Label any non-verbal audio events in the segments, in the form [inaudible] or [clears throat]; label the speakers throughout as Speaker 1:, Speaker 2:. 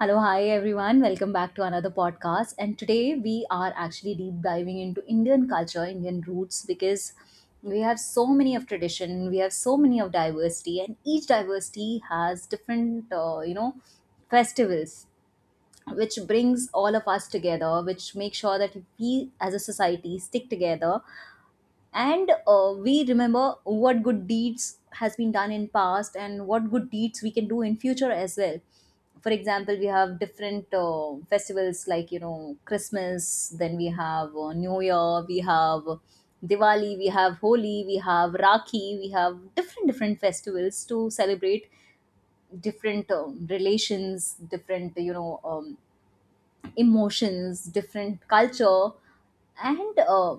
Speaker 1: Hello, hi everyone. Welcome back to another podcast. And today we are actually deep diving into Indian culture, Indian roots, because we have so many of tradition, we have so many of diversity, and each diversity has different, festivals, which brings all of us together, which makes sure that we as a society stick together, and we remember what good deeds has been done in past and what good deeds we can do in future as well. For example, we have different festivals like, you know, Christmas, then we have new year, we have Diwali, we have Holi, we have Rakhi, we have different different festivals to celebrate different relations, different, emotions, different culture. And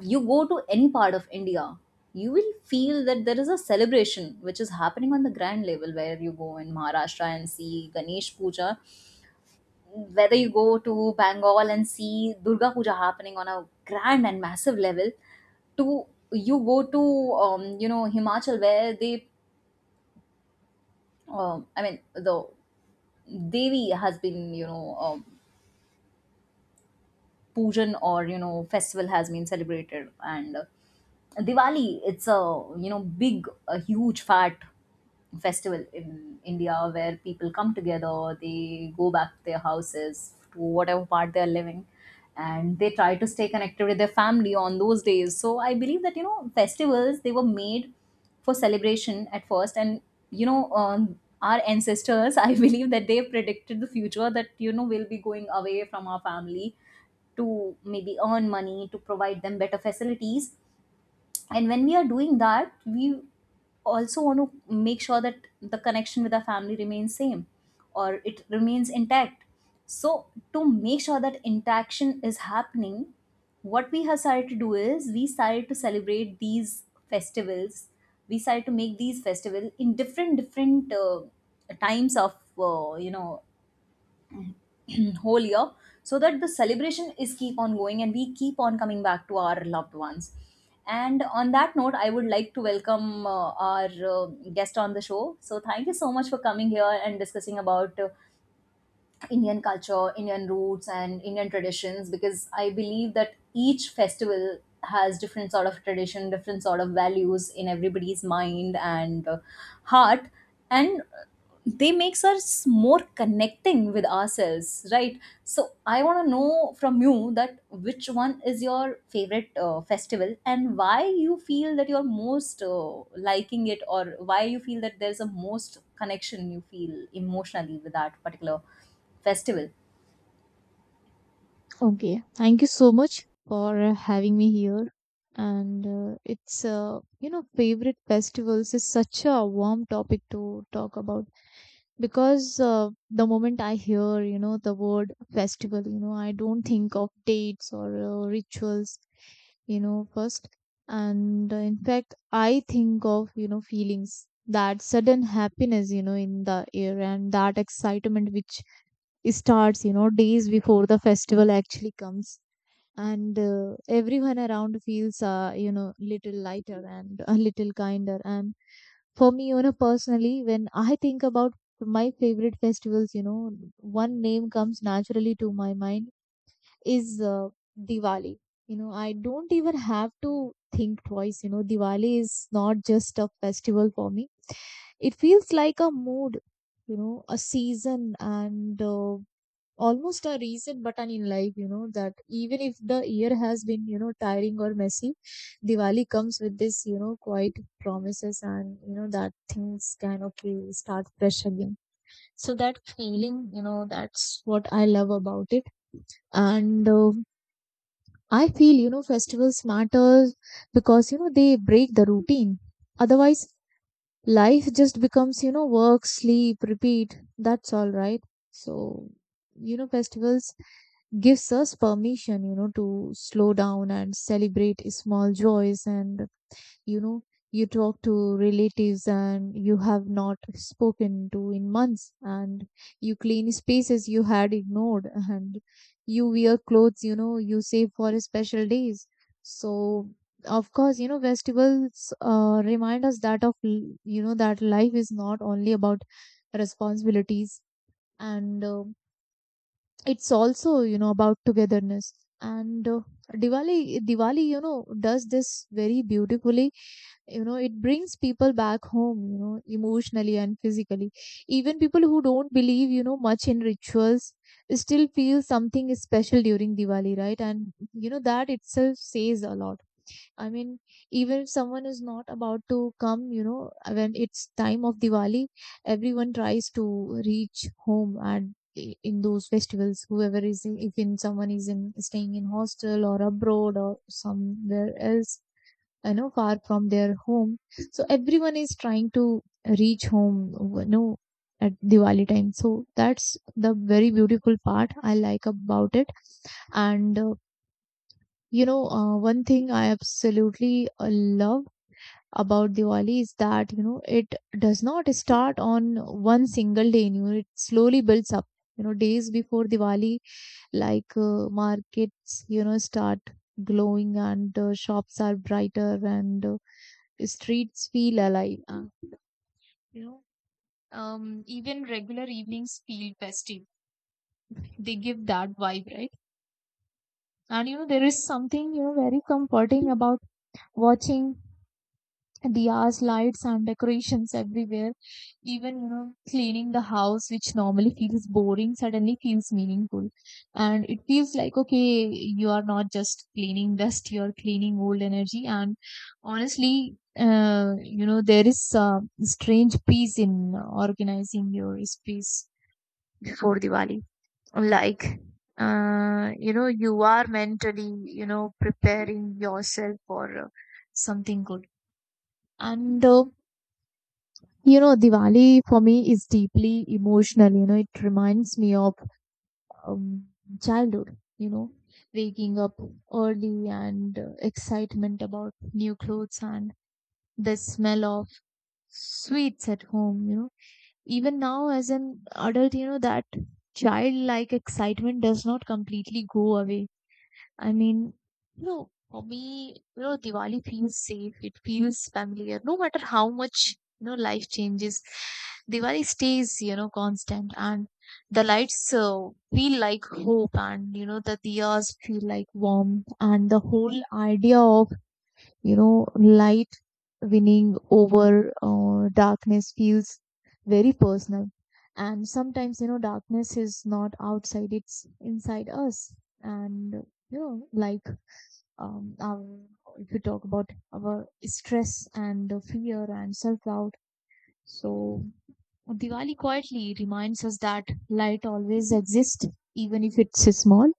Speaker 1: you go to any part of India, you will feel that there is a celebration which is happening on the grand level, where you go in Maharashtra and see Ganesh Puja, whether you go to Bengal and see Durga Puja happening on a grand and massive level, to you go to you know, Himachal where they, the Devi has been, pujan or, you know, festival has been celebrated. And Diwali, it's a, you know, big, a huge fat festival in India where people come together, they go back to their houses to whatever part they are living, and they try to stay connected with their family on those days. So I believe that, you know, festivals they were made for celebration at first, and you know, our ancestors, [laughs] I believe that they predicted the future that, you know, we'll be going away from our family to maybe earn money to provide them better facilities. And when we are doing that, we also want to make sure that the connection with our family remains same or it remains intact. So to make sure that interaction is happening, what we have started to do is we started to celebrate these festivals, we started to make these festivals in different different times of you know, [clears throat] whole year, so that the celebration is keep on going and we keep on coming back to our loved ones. And on that note, I would like to welcome our guest on the show. So thank you so much for coming here and discussing about Indian culture, Indian roots, and Indian traditions, because I believe that each festival has different sort of tradition, different sort of values in everybody's mind and heart, and they makes us more connecting with ourselves, right? So I want to know from you that which one is your favorite festival and why you feel that you're most liking it, or why you feel that there's a most connection you feel emotionally with that particular festival.
Speaker 2: Okay, thank you so much for having me here. And favorite festivals is such a warm topic to talk about because the moment I hear, the word festival, I don't think of dates or rituals, first. And in fact, I think of, feelings, that sudden happiness, in the air, and that excitement which starts, days before the festival actually comes, and everyone around feels little lighter and a little kinder. And for me, personally, when I think about my favorite festivals, one name comes naturally to my mind, is Diwali. You know, I don't even have to think twice. You know, Diwali is not just a festival for me. It feels like a mood, a season, and almost a reset button in life, that even if the year has been, tiring or messy, Diwali comes with this, quiet promises and, that things can, okay, start fresh again. So that feeling, that's what I love about it. And I feel, festivals matter because, they break the routine. Otherwise, life just becomes work, sleep, repeat. That's all right. So festivals gives us permission to slow down and celebrate small joys, and you know you talk to relatives and you have not spoken to in months, and you clean spaces you had ignored, and you wear clothes you save for special days. So of course, festivals remind us that life is not only about responsibilities, and um, it's also about togetherness. And diwali diwali does this very beautifully. You know, it brings people back home, emotionally and physically. Even people who don't believe much in rituals still feel something is special during Diwali, right? And that itself says a lot. I mean, even if someone is not about to come, when it's time of Diwali, everyone tries to reach home. In those festivals, whoever is in, if in someone is in staying in hostel or abroad or somewhere else, far from their home. So everyone is trying to reach home, you know, at Diwali time. So that's the very beautiful part I like about it. And one thing I absolutely love about Diwali is that, it does not start on one single day. It slowly builds up. You know, days before Diwali, like markets, start glowing, and shops are brighter, and streets feel alive. You know, Even regular evenings feel festive. They give that vibe, right? And there is something very comforting about watching diyas, lights, and decorations everywhere. Even, cleaning the house, which normally feels boring, suddenly feels meaningful. And it feels like, okay, you are not just cleaning dust, you're cleaning old energy. And honestly, there is a strange peace in organizing your space before Diwali. Like, you are mentally, preparing yourself for something good. And Diwali for me is deeply emotional. It reminds me of um, childhood, waking up early, and excitement about new clothes, and the smell of sweets at home. Even now, as an adult, that childlike excitement does not completely go away. I mean, for me, Diwali feels safe. It feels familiar. No matter how much, life changes, Diwali stays, constant. And the lights feel like hope, and, the diyas feel like warmth. And the whole idea of, light winning over darkness feels very personal. And sometimes, darkness is not outside, it's inside us. And, light um, um, we could talk about our stress and the fear and self-doubt. So Diwali quietly reminds us that light always exists, even if it's small.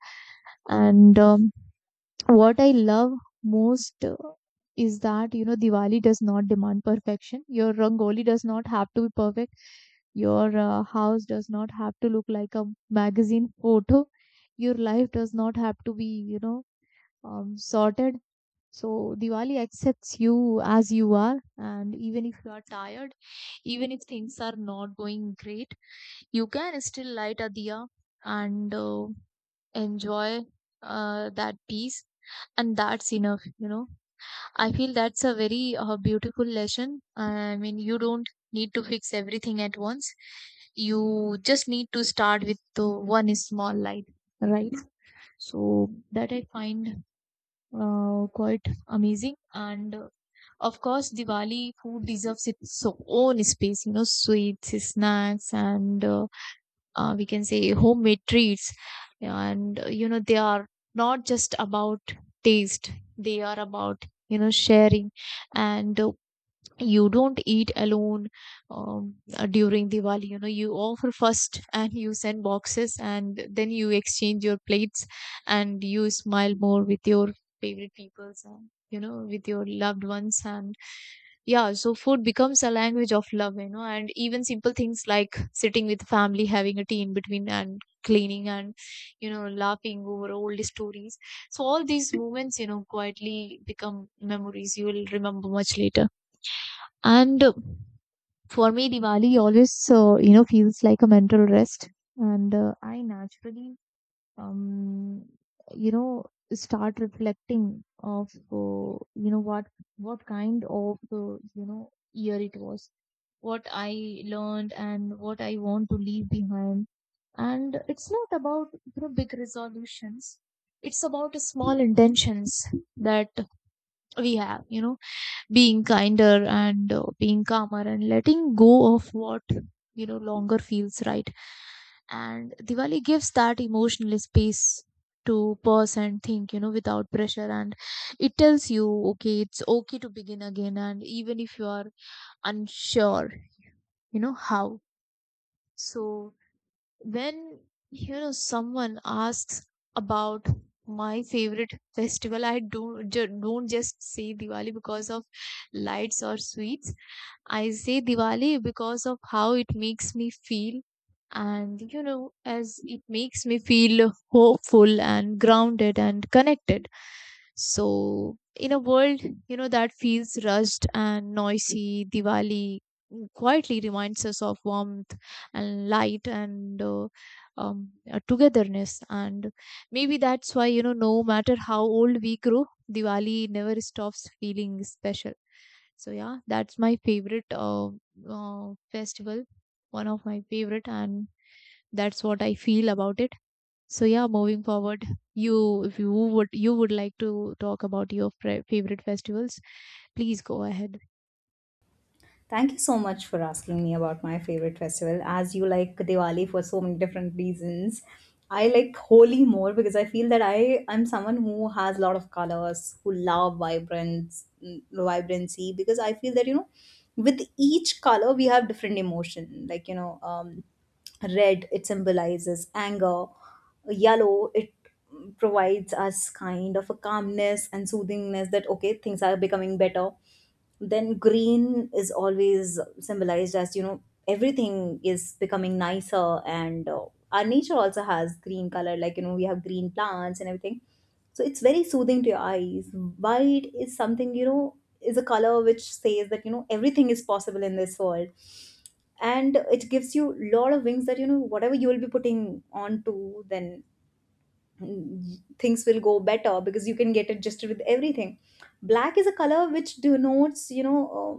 Speaker 2: And what I love most is that Diwali does not demand perfection. Your rangoli does not have to be perfect. Your house does not have to look like a magazine photo. Your life does not have to be sorted. So Diwali accepts you as you are, and even if you are tired, even if things are not going great, you can still light a diya and enjoy that peace, and that's enough. I feel that's a very beautiful lesson. I mean, you don't need to fix everything at once. You just need to start with the one small light, right? So that I find quite amazing. And of course, Diwali food deserves its own space, sweets, snacks, and we can say homemade treats. And, they are not just about taste, they are about, sharing. And you don't eat alone during Diwali. You know, you offer first, and you send boxes, and then you exchange your plates, and you smile more with your favorite peoples and, with your loved ones. And yeah, so food becomes a language of love, and even simple things like sitting with family, having a tea in between, and cleaning, and, laughing over old stories. So all these moments, quietly become memories you will remember much later. And for me, Diwali always, feels like a mental rest. And I naturally, um, you know, start reflecting of, what kind of, year it was, what I learned, and what I want to leave behind. And it's not about big resolutions. It's about small intentions that we have. Being kinder, and being calmer, and letting go of what longer feels right. And Diwali gives that emotional space to pause and think, without pressure. And it tells you, okay, it's okay to begin again, and even if you are unsure, how. So when someone asks about my favorite festival, I don't just say Diwali because of lights or sweets. I say Diwali because of how it makes me feel, and as it makes me feel hopeful and grounded and connected. So, in a world, that feels rushed and noisy, Diwali quietly reminds us of warmth and light and togetherness. And maybe that's why, no matter how old we grow, Diwali never stops feeling special. So yeah, that's my favorite festival, one of my favorite, and that's what I feel about it. So yeah, moving forward, you if you would you would like to talk about your favorite festivals, please go ahead.
Speaker 1: Thank you so much for asking me about my favorite festival. As you like Diwali for so many different reasons, I like Holi more because I feel that I am someone who has a lot of colors, who love vibrance, mm, vibrancy. Because I feel that, you know, with each color we have different emotion. Like, you know, red, it symbolizes anger, yellow it provides us kind of a calmness and soothingness that okay, things are becoming better. Then green is always symbolized as, you know, everything is becoming nicer, and our nature also has green color, like, you know, we have green plants and everything, so it's very soothing to your eyes. White is something, you know, is a color which says that, you know, everything is possible in this world, and it gives you a lot of wings that, you know, whatever you will be putting on to, then things will go better because you can get adjusted with everything. Black is a color which denotes, you know,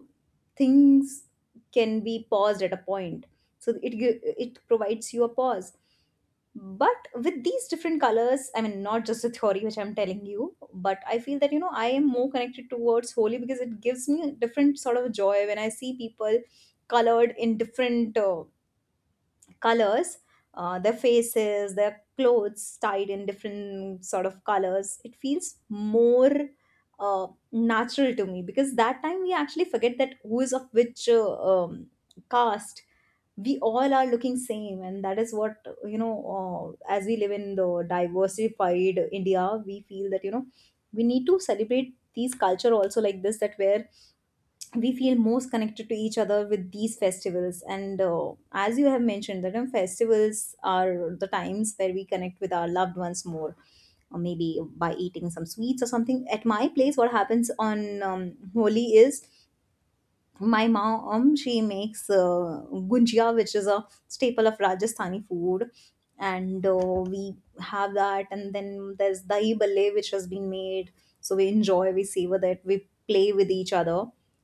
Speaker 1: things can be paused at a point, so it provides you a pause. But with these different colors, I mean, not just the theory which I'm telling you, but I feel that, you know, I am more connected towards Holy because it gives me a different sort of joy when I see people colored in different colors, their faces, their clothes tied in different sort of colors. It feels more uh, natural to me because that time we actually forget that who is of which caste. We all are looking same, and that is what, you know, as we live in the diversified India, we feel that, you know, we need to celebrate these culture also like this, that where we feel most connected to each other with these festivals. And as you have mentioned that, festivals are the times where we connect with our loved ones more, or maybe by eating some sweets or something. At my place, what happens on Holi is, my mom she makes gunjia, which is a staple of Rajasthani food, and we have that, and then there's dahi balle which has been made. So we enjoy, we savor that, we play with each other.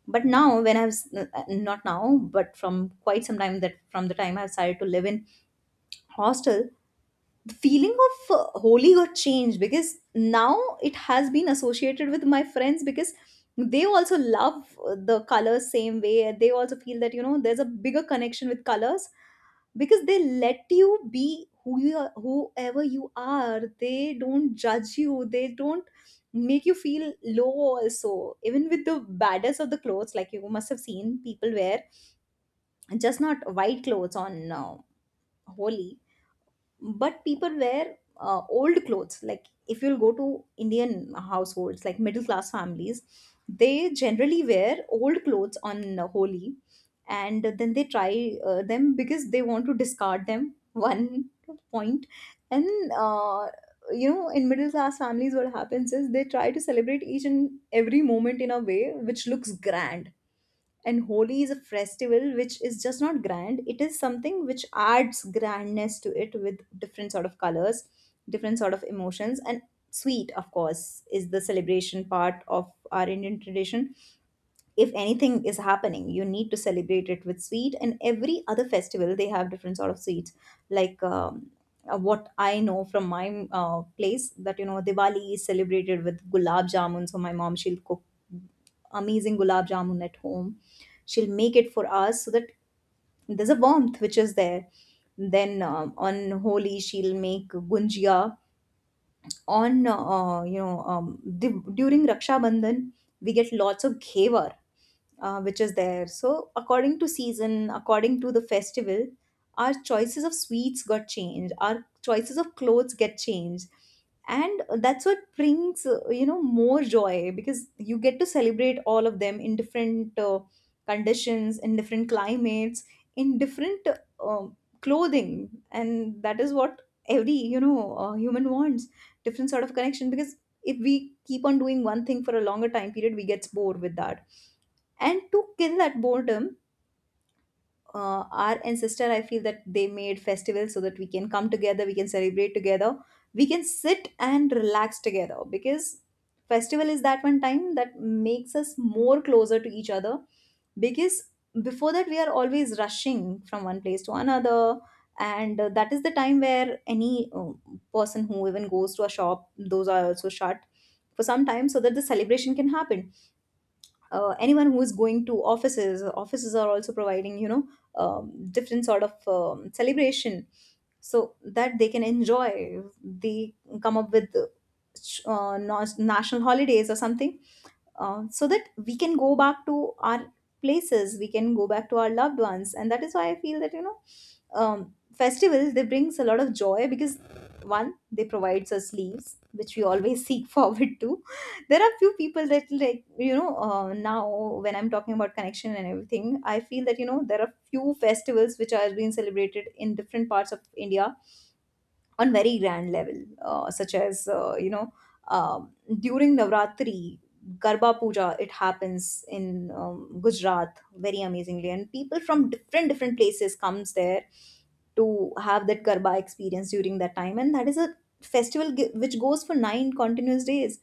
Speaker 1: But now, when not now, but from quite some time, that from the time I've started to live in hostel, the feeling of Holy got changed, because now it has been associated with my friends, because they also love the colors same way, and they also feel that, you know, there's a bigger connection with colors because they let you be who you are, whoever you are, they don't judge you, they don't make you feel low also, even with the baddest of the clothes. Like, you must have seen people wear just not white clothes on Holi, but people wear old clothes. Like if you'll go to Indian households, like middle class families, they generally wear old clothes on Holi, and then they try them because they want to discard them [laughs] one point. And uh, you know, in middle class families, what happens is they try to celebrate each and every moment in a way which looks grand. And Holi is a festival which is just not grand. It is something which adds grandness to it with different sort of colors, different sort of emotions. And sweet, of course, is the celebration part of our Indian tradition. If anything is happening, you need to celebrate it with sweet, and every other festival they have different sort of sweets. Like, what I know from my place, that, you know, Diwali is celebrated with gulab jamun, so my mom, she'll cook amazing gulab jamun at home, she'll make it for us, so that there's a warmth which is there. Then on Holi, she'll make gunjia. On during Raksha Bandhan, we get lots of ghevar which is there. So according to season, according to the festival, our choices of sweets got changed. Our choices of clothes get changed, and that's what brings, you know, more joy, because you get to celebrate all of them in different conditions, in different climates, in different clothing. And that is what every, you know, human wants: different sort of connection, because if we keep on doing one thing for a longer time period, we gets bored with that. And to kill that boredom, our ancestor, I feel that they made festivals so that we can come together, we can celebrate together, we can sit and relax together, because festival is that one time that makes us more closer to each other, because before that we are always rushing from one place to another. And that is the time where any person who even goes to a shop, those are also shut for some time so that the celebration can happen. Anyone who is going to offices, offices are also providing, you know, different sort of celebration so that they can enjoy. They come up with national holidays or something, so that we can go back to our places, we can go back to our loved ones. And that is why I feel that, you know, festivals, they brings a lot of joy, because one, they provides us leaves which we always [laughs] seek forward to. There are few people that, like, you know, now when I'm talking about connection and everything, I feel that, you know, there are few festivals which are being celebrated in different parts of India on very grand level, such as, um, during Navratri, Garba Puja. It happens in Gujarat very amazingly, and people from different different places comes there to have that Garba experience during that time, and that is a which goes for 9 continuous days.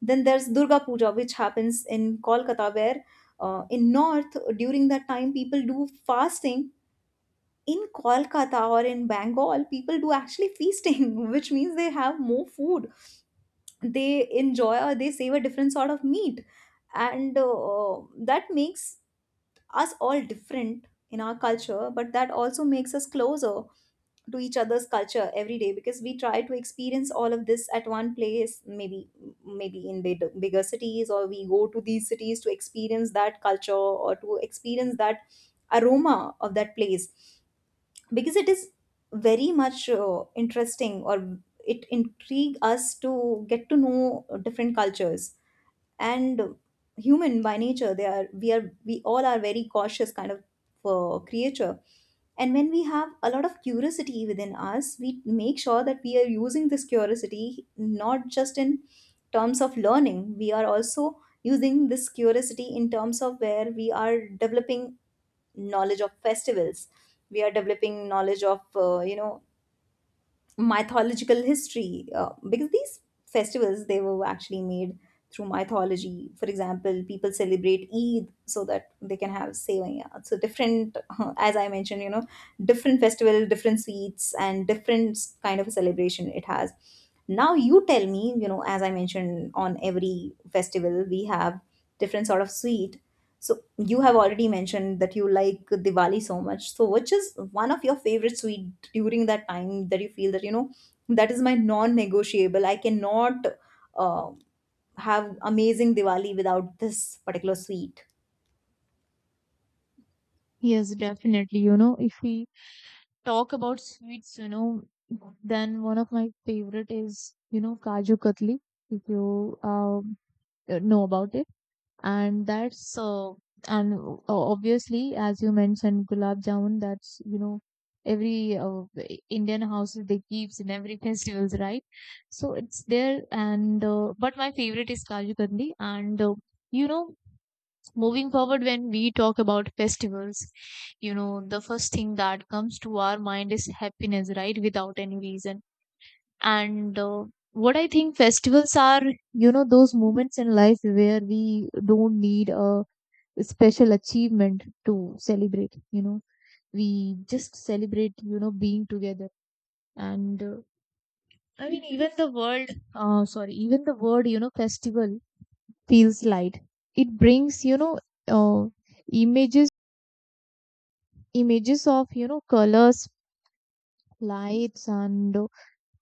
Speaker 1: Then there's Durga Puja, which happens in Kolkata, where in north during that time people do fasting in Kolkata or in Bengal, people do actually feasting, [laughs] which means they have more food. They enjoy or they save a different sort of meat. And that makes us all different in our culture, but that also makes us closer to each other's culture every day because we try to experience all of this at one place maybe in big, bigger cities, or we go to these cities to experience that culture or to experience that aroma of that place because it is very much interesting, or it intrigue us to get to know different cultures. And human by nature they are we all are very cautious kind of creature. And when we have a lot of curiosity within us, we make sure that we are using this curiosity not just in terms of learning, we are also using this curiosity in terms of where we are developing knowledge of festivals. We are developing knowledge of mythological history, because these festivals they were actually made through mythology. For example, people celebrate eid so that they can have sevaya. So different, [laughs] as I mentioned, different festival, different sweets, and different kind of a celebration it has. Now you tell me, as I mentioned, on every festival we have different sort of sweet. So you have already mentioned that you like Diwali so much. So which is one of your favorite sweet during that time that you feel that that is my non-negotiable? I cannot uh, have amazing Diwali without this particular sweet.
Speaker 2: Yes, definitely. You know, if we talk about sweets, then one of my favorite is Kaju Katli. If you know about it, and that's and obviously, as you mentioned, gulab jamun, that's every Indian houses, they keeps in every [laughs] festivals, right? So it's there, and but my favorite is Kaju Kandi, and you know moving forward, when we talk about festivals, the first thing that comes to our mind is happiness, right? Without any reason. And what I think festivals are, those moments in life where we don't need a special achievement to celebrate. You know, we just celebrate being together. And I mean, even the world sorry even the word, festival, feels light. It brings uh, images, of colors, lights, and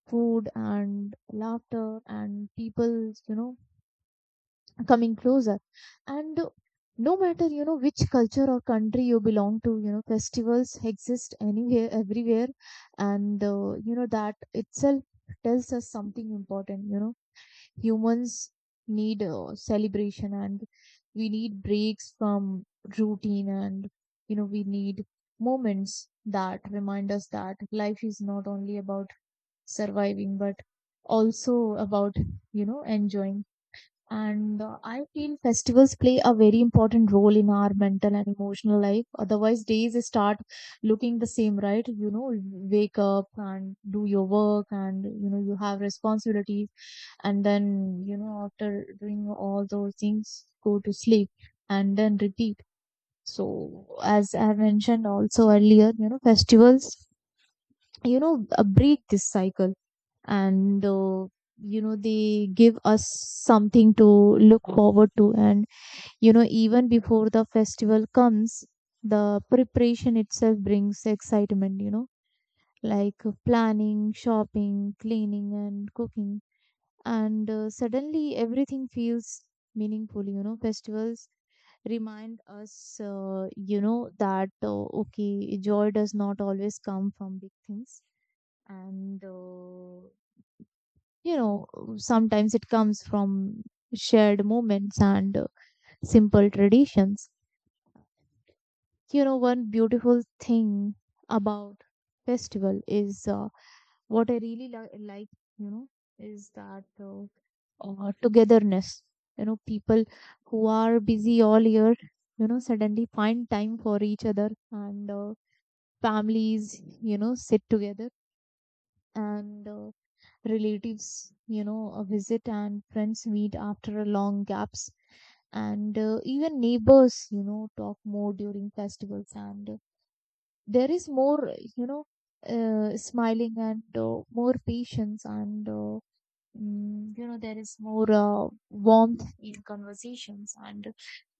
Speaker 2: food, and laughter, and people you know coming closer. And no matter which culture or country you belong to, festivals exist anywhere, everywhere. And that itself tells us something important. You know, humans need celebration, and we need breaks from routine, and we need moments that remind us that life is not only about surviving, but also about enjoying. And I feel festivals play a very important role in our mental and emotional life. Otherwise, days start looking the same, right? You know, you wake up and do your work, and you have responsibilities. And then, after doing all those things, go to sleep and then repeat. So, as I mentioned also earlier, festivals, break this cycle and they give us something to look forward to and, even before the festival comes, the preparation itself brings excitement, planning, shopping, cleaning, and cooking. And Suddenly everything feels meaningful. Festivals remind us, you know, that okay, joy does not always come from big things, and uh, you know, sometimes it comes from shared moments and simple traditions. One beautiful thing about festival is, what I really like, you know is that, uh, togetherness. People who are busy all year suddenly find time for each other, and families sit together, and relatives visit, and friends meet after a long gaps, and even neighbors talk more during festivals, and there is more, smiling and more patience and there is more warmth in conversations, and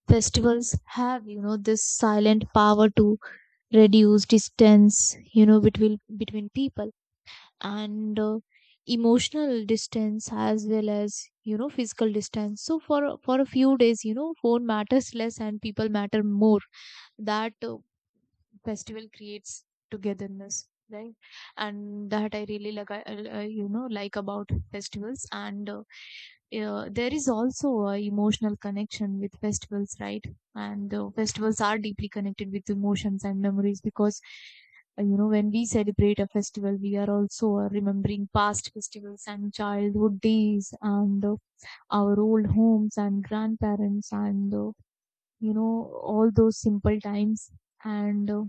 Speaker 2: festivals have, this silent power to reduce distance, between people, and emotional distance as well as, physical distance. So for for a few days, phone matters less and people matter more. That Festival creates togetherness, right? And that I really like, like about festivals. And There is also a emotional connection with festivals, right? and Festivals are deeply connected with emotions and memories, because, when we celebrate a festival, we are also, remembering past festivals and childhood days, and our old homes and grandparents, and you know all those simple times. and uh,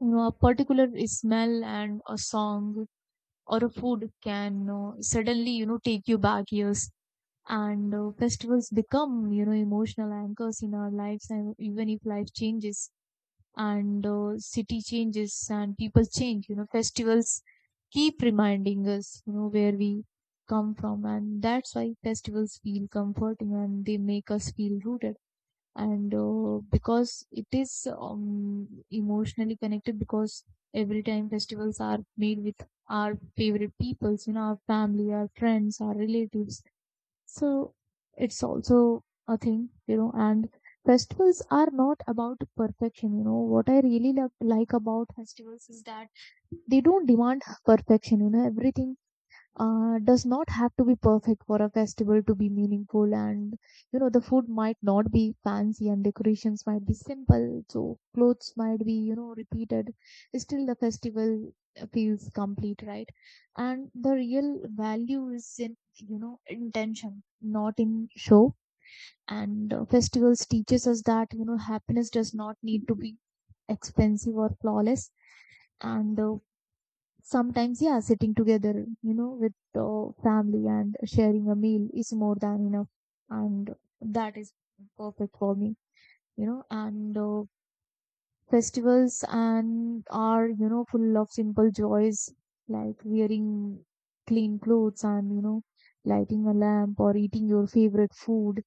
Speaker 2: a particular smell and a song or a food can, suddenly, take you back years, and festivals become, emotional anchors in our lives. And even if life changes and city changes and people change, festivals keep reminding us, where we come from. And that's why festivals feel comforting and they make us feel rooted, and because it is, emotionally connected, because every time festivals are made with our favorite peoples, our family, our friends, our relatives. So it's also a thing, and festivals are not about perfection. What I really love, like about festivals is that they don't demand perfection. Everything, does not have to be perfect for a festival to be meaningful, and, the food might not be fancy and decorations might be simple, so clothes might be, repeated. Still the festival feels complete, right? And the real value is in, intention, not in show. And Festivals teaches us that, happiness does not need to be expensive or flawless. And Sometimes, yeah, sitting together, with family and sharing a meal is more than enough. And that is perfect for me, you know, and festivals and are, full of simple joys, like wearing clean clothes and, lighting a lamp or eating your favorite food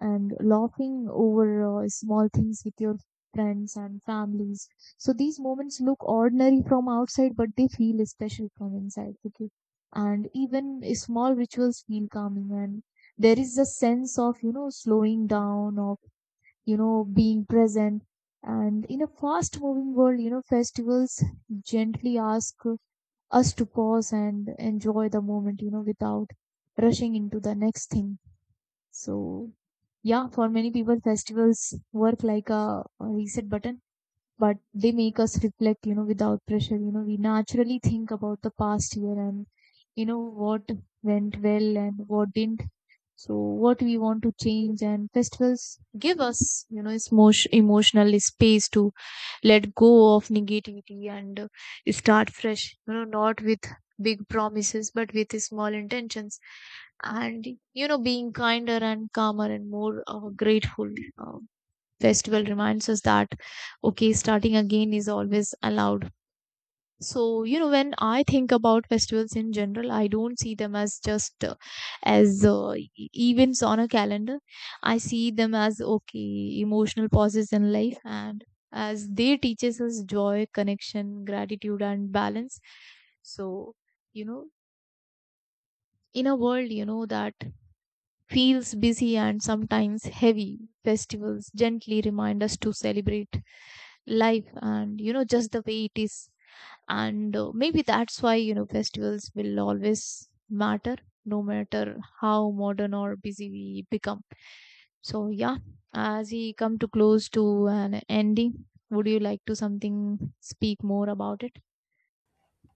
Speaker 2: and laughing over, small things with your friends and families. So these moments look ordinary from outside, but they feel special from inside. Okay. And even small rituals feel calming and there is a sense of, slowing down, of, being present. And in a fast moving world, festivals gently ask us to pause and enjoy the moment, without rushing into the next thing. So, yeah, for many people, festivals work like a reset button, but they make us reflect, without pressure. We naturally think about the past year and, what went well and what didn't, so what we want to change. And festivals give us, it's more emotional space to let go of negativity, and start fresh, not with big promises but with small intentions, and, being kinder and calmer and more, grateful. uh, Festival reminds us that, okay, starting again is always allowed. So, when I think about festivals in general, I don't see them as just events on a calendar. I see them as, okay, emotional pauses in life, and as they teaches us joy, connection, gratitude and balance. So, you know, in a world, that feels busy and sometimes heavy, festivals gently remind us to celebrate life, and, just the way it is. And Maybe that's why, festivals will always matter no matter how modern or busy we become. So yeah, as we come to close to an ending, would you like to something speak more about it?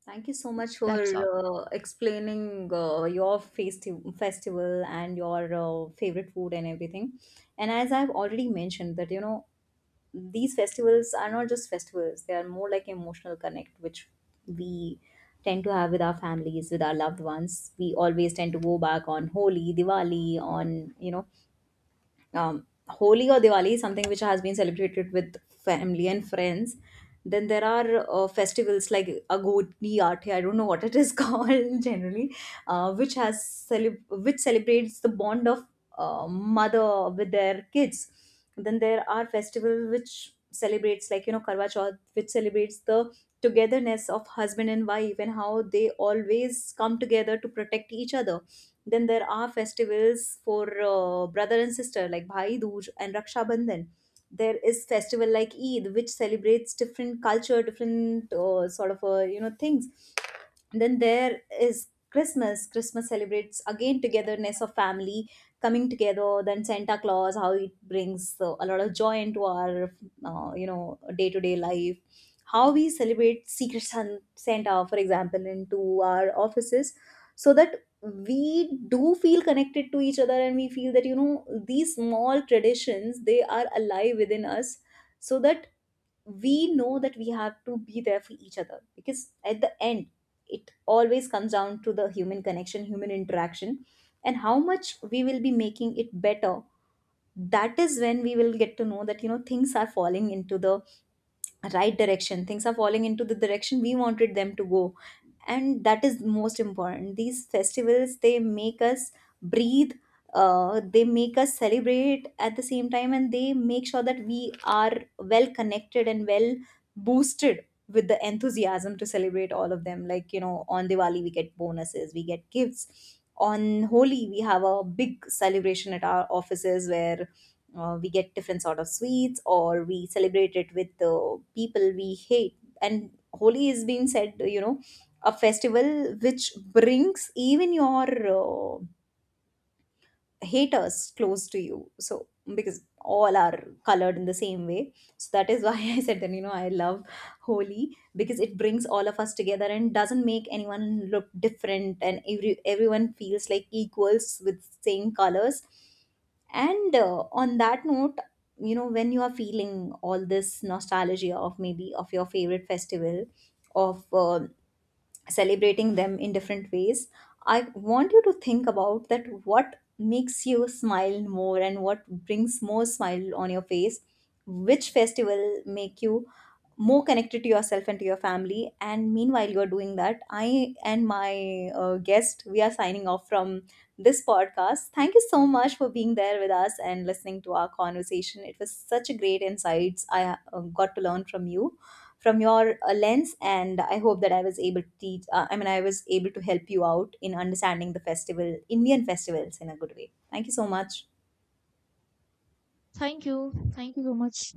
Speaker 1: Thank you so much for
Speaker 2: That's all.
Speaker 1: explaining your festival and your favorite food and everything. And as I've already mentioned that, these festivals are not just festivals, they are more like emotional connect which we tend to have with our families, with our loved ones. We always tend to go back on holi, diwali, on Holi or Diwali is something which has been celebrated with family and friends. Then there are festivals like Agodi Aathe, I don't know what it is [laughs] called generally, which has which celebrates the bond of mother with their kids. Then there are festivals which celebrates, like Karwa Chauth, which celebrates the togetherness of husband and wife and how they always come together to protect each other. Then there are festivals for brother and sister like Bhai Dooj and Raksha Bandhan. There is festival like Eid, which celebrates different culture, different sort of things. Then there is christmas. Christmas celebrates again togetherness of family coming together. Then santa claus, how it brings a lot of joy into our day-to-day life, how we celebrate secret santa, for example, into our offices, so that we do feel connected to each other and we feel that, these small traditions they are alive within us, so that we know that we have to be there for each other. Because at the end, it always comes down to the human connection, human interaction, and how much we will be making it better. That is when we will get to know that, things are falling into the right direction, things are falling into the direction we wanted them to go. And that is most important. These festivals they make us breathe, they make us celebrate at the same time, and they make sure that we are well connected and well boosted with the enthusiasm to celebrate all of them. Like on diwali we get bonuses, we get gifts, on holi we have a big celebration at our offices where we get different sort of sweets, or we celebrate it with the people we hate. And holi is being said, a festival which brings even your haters close to you, so because all are colored in the same way. So that is why [laughs] I said that, I love holi because it brings all of us together and doesn't make anyone look different, and everyone feels like equals with same colors. And on that note, when you are feeling all this nostalgia of maybe of your favorite festival, of celebrating them in different ways, I want you to think about that, what makes you smile more and what brings more smile on your face, which festival make you more connected to yourself and to your family. And meanwhile you're doing that, I and my guest, we are signing off from this podcast. Thank you so much for being there with us and listening to our conversation. It was such a great insights I got to learn from you, from your lens. And I hope that I was able to teach, I was able to help you out in understanding the festival indian festivals in a good way. Thank you so much.
Speaker 2: Thank you, thank you so much.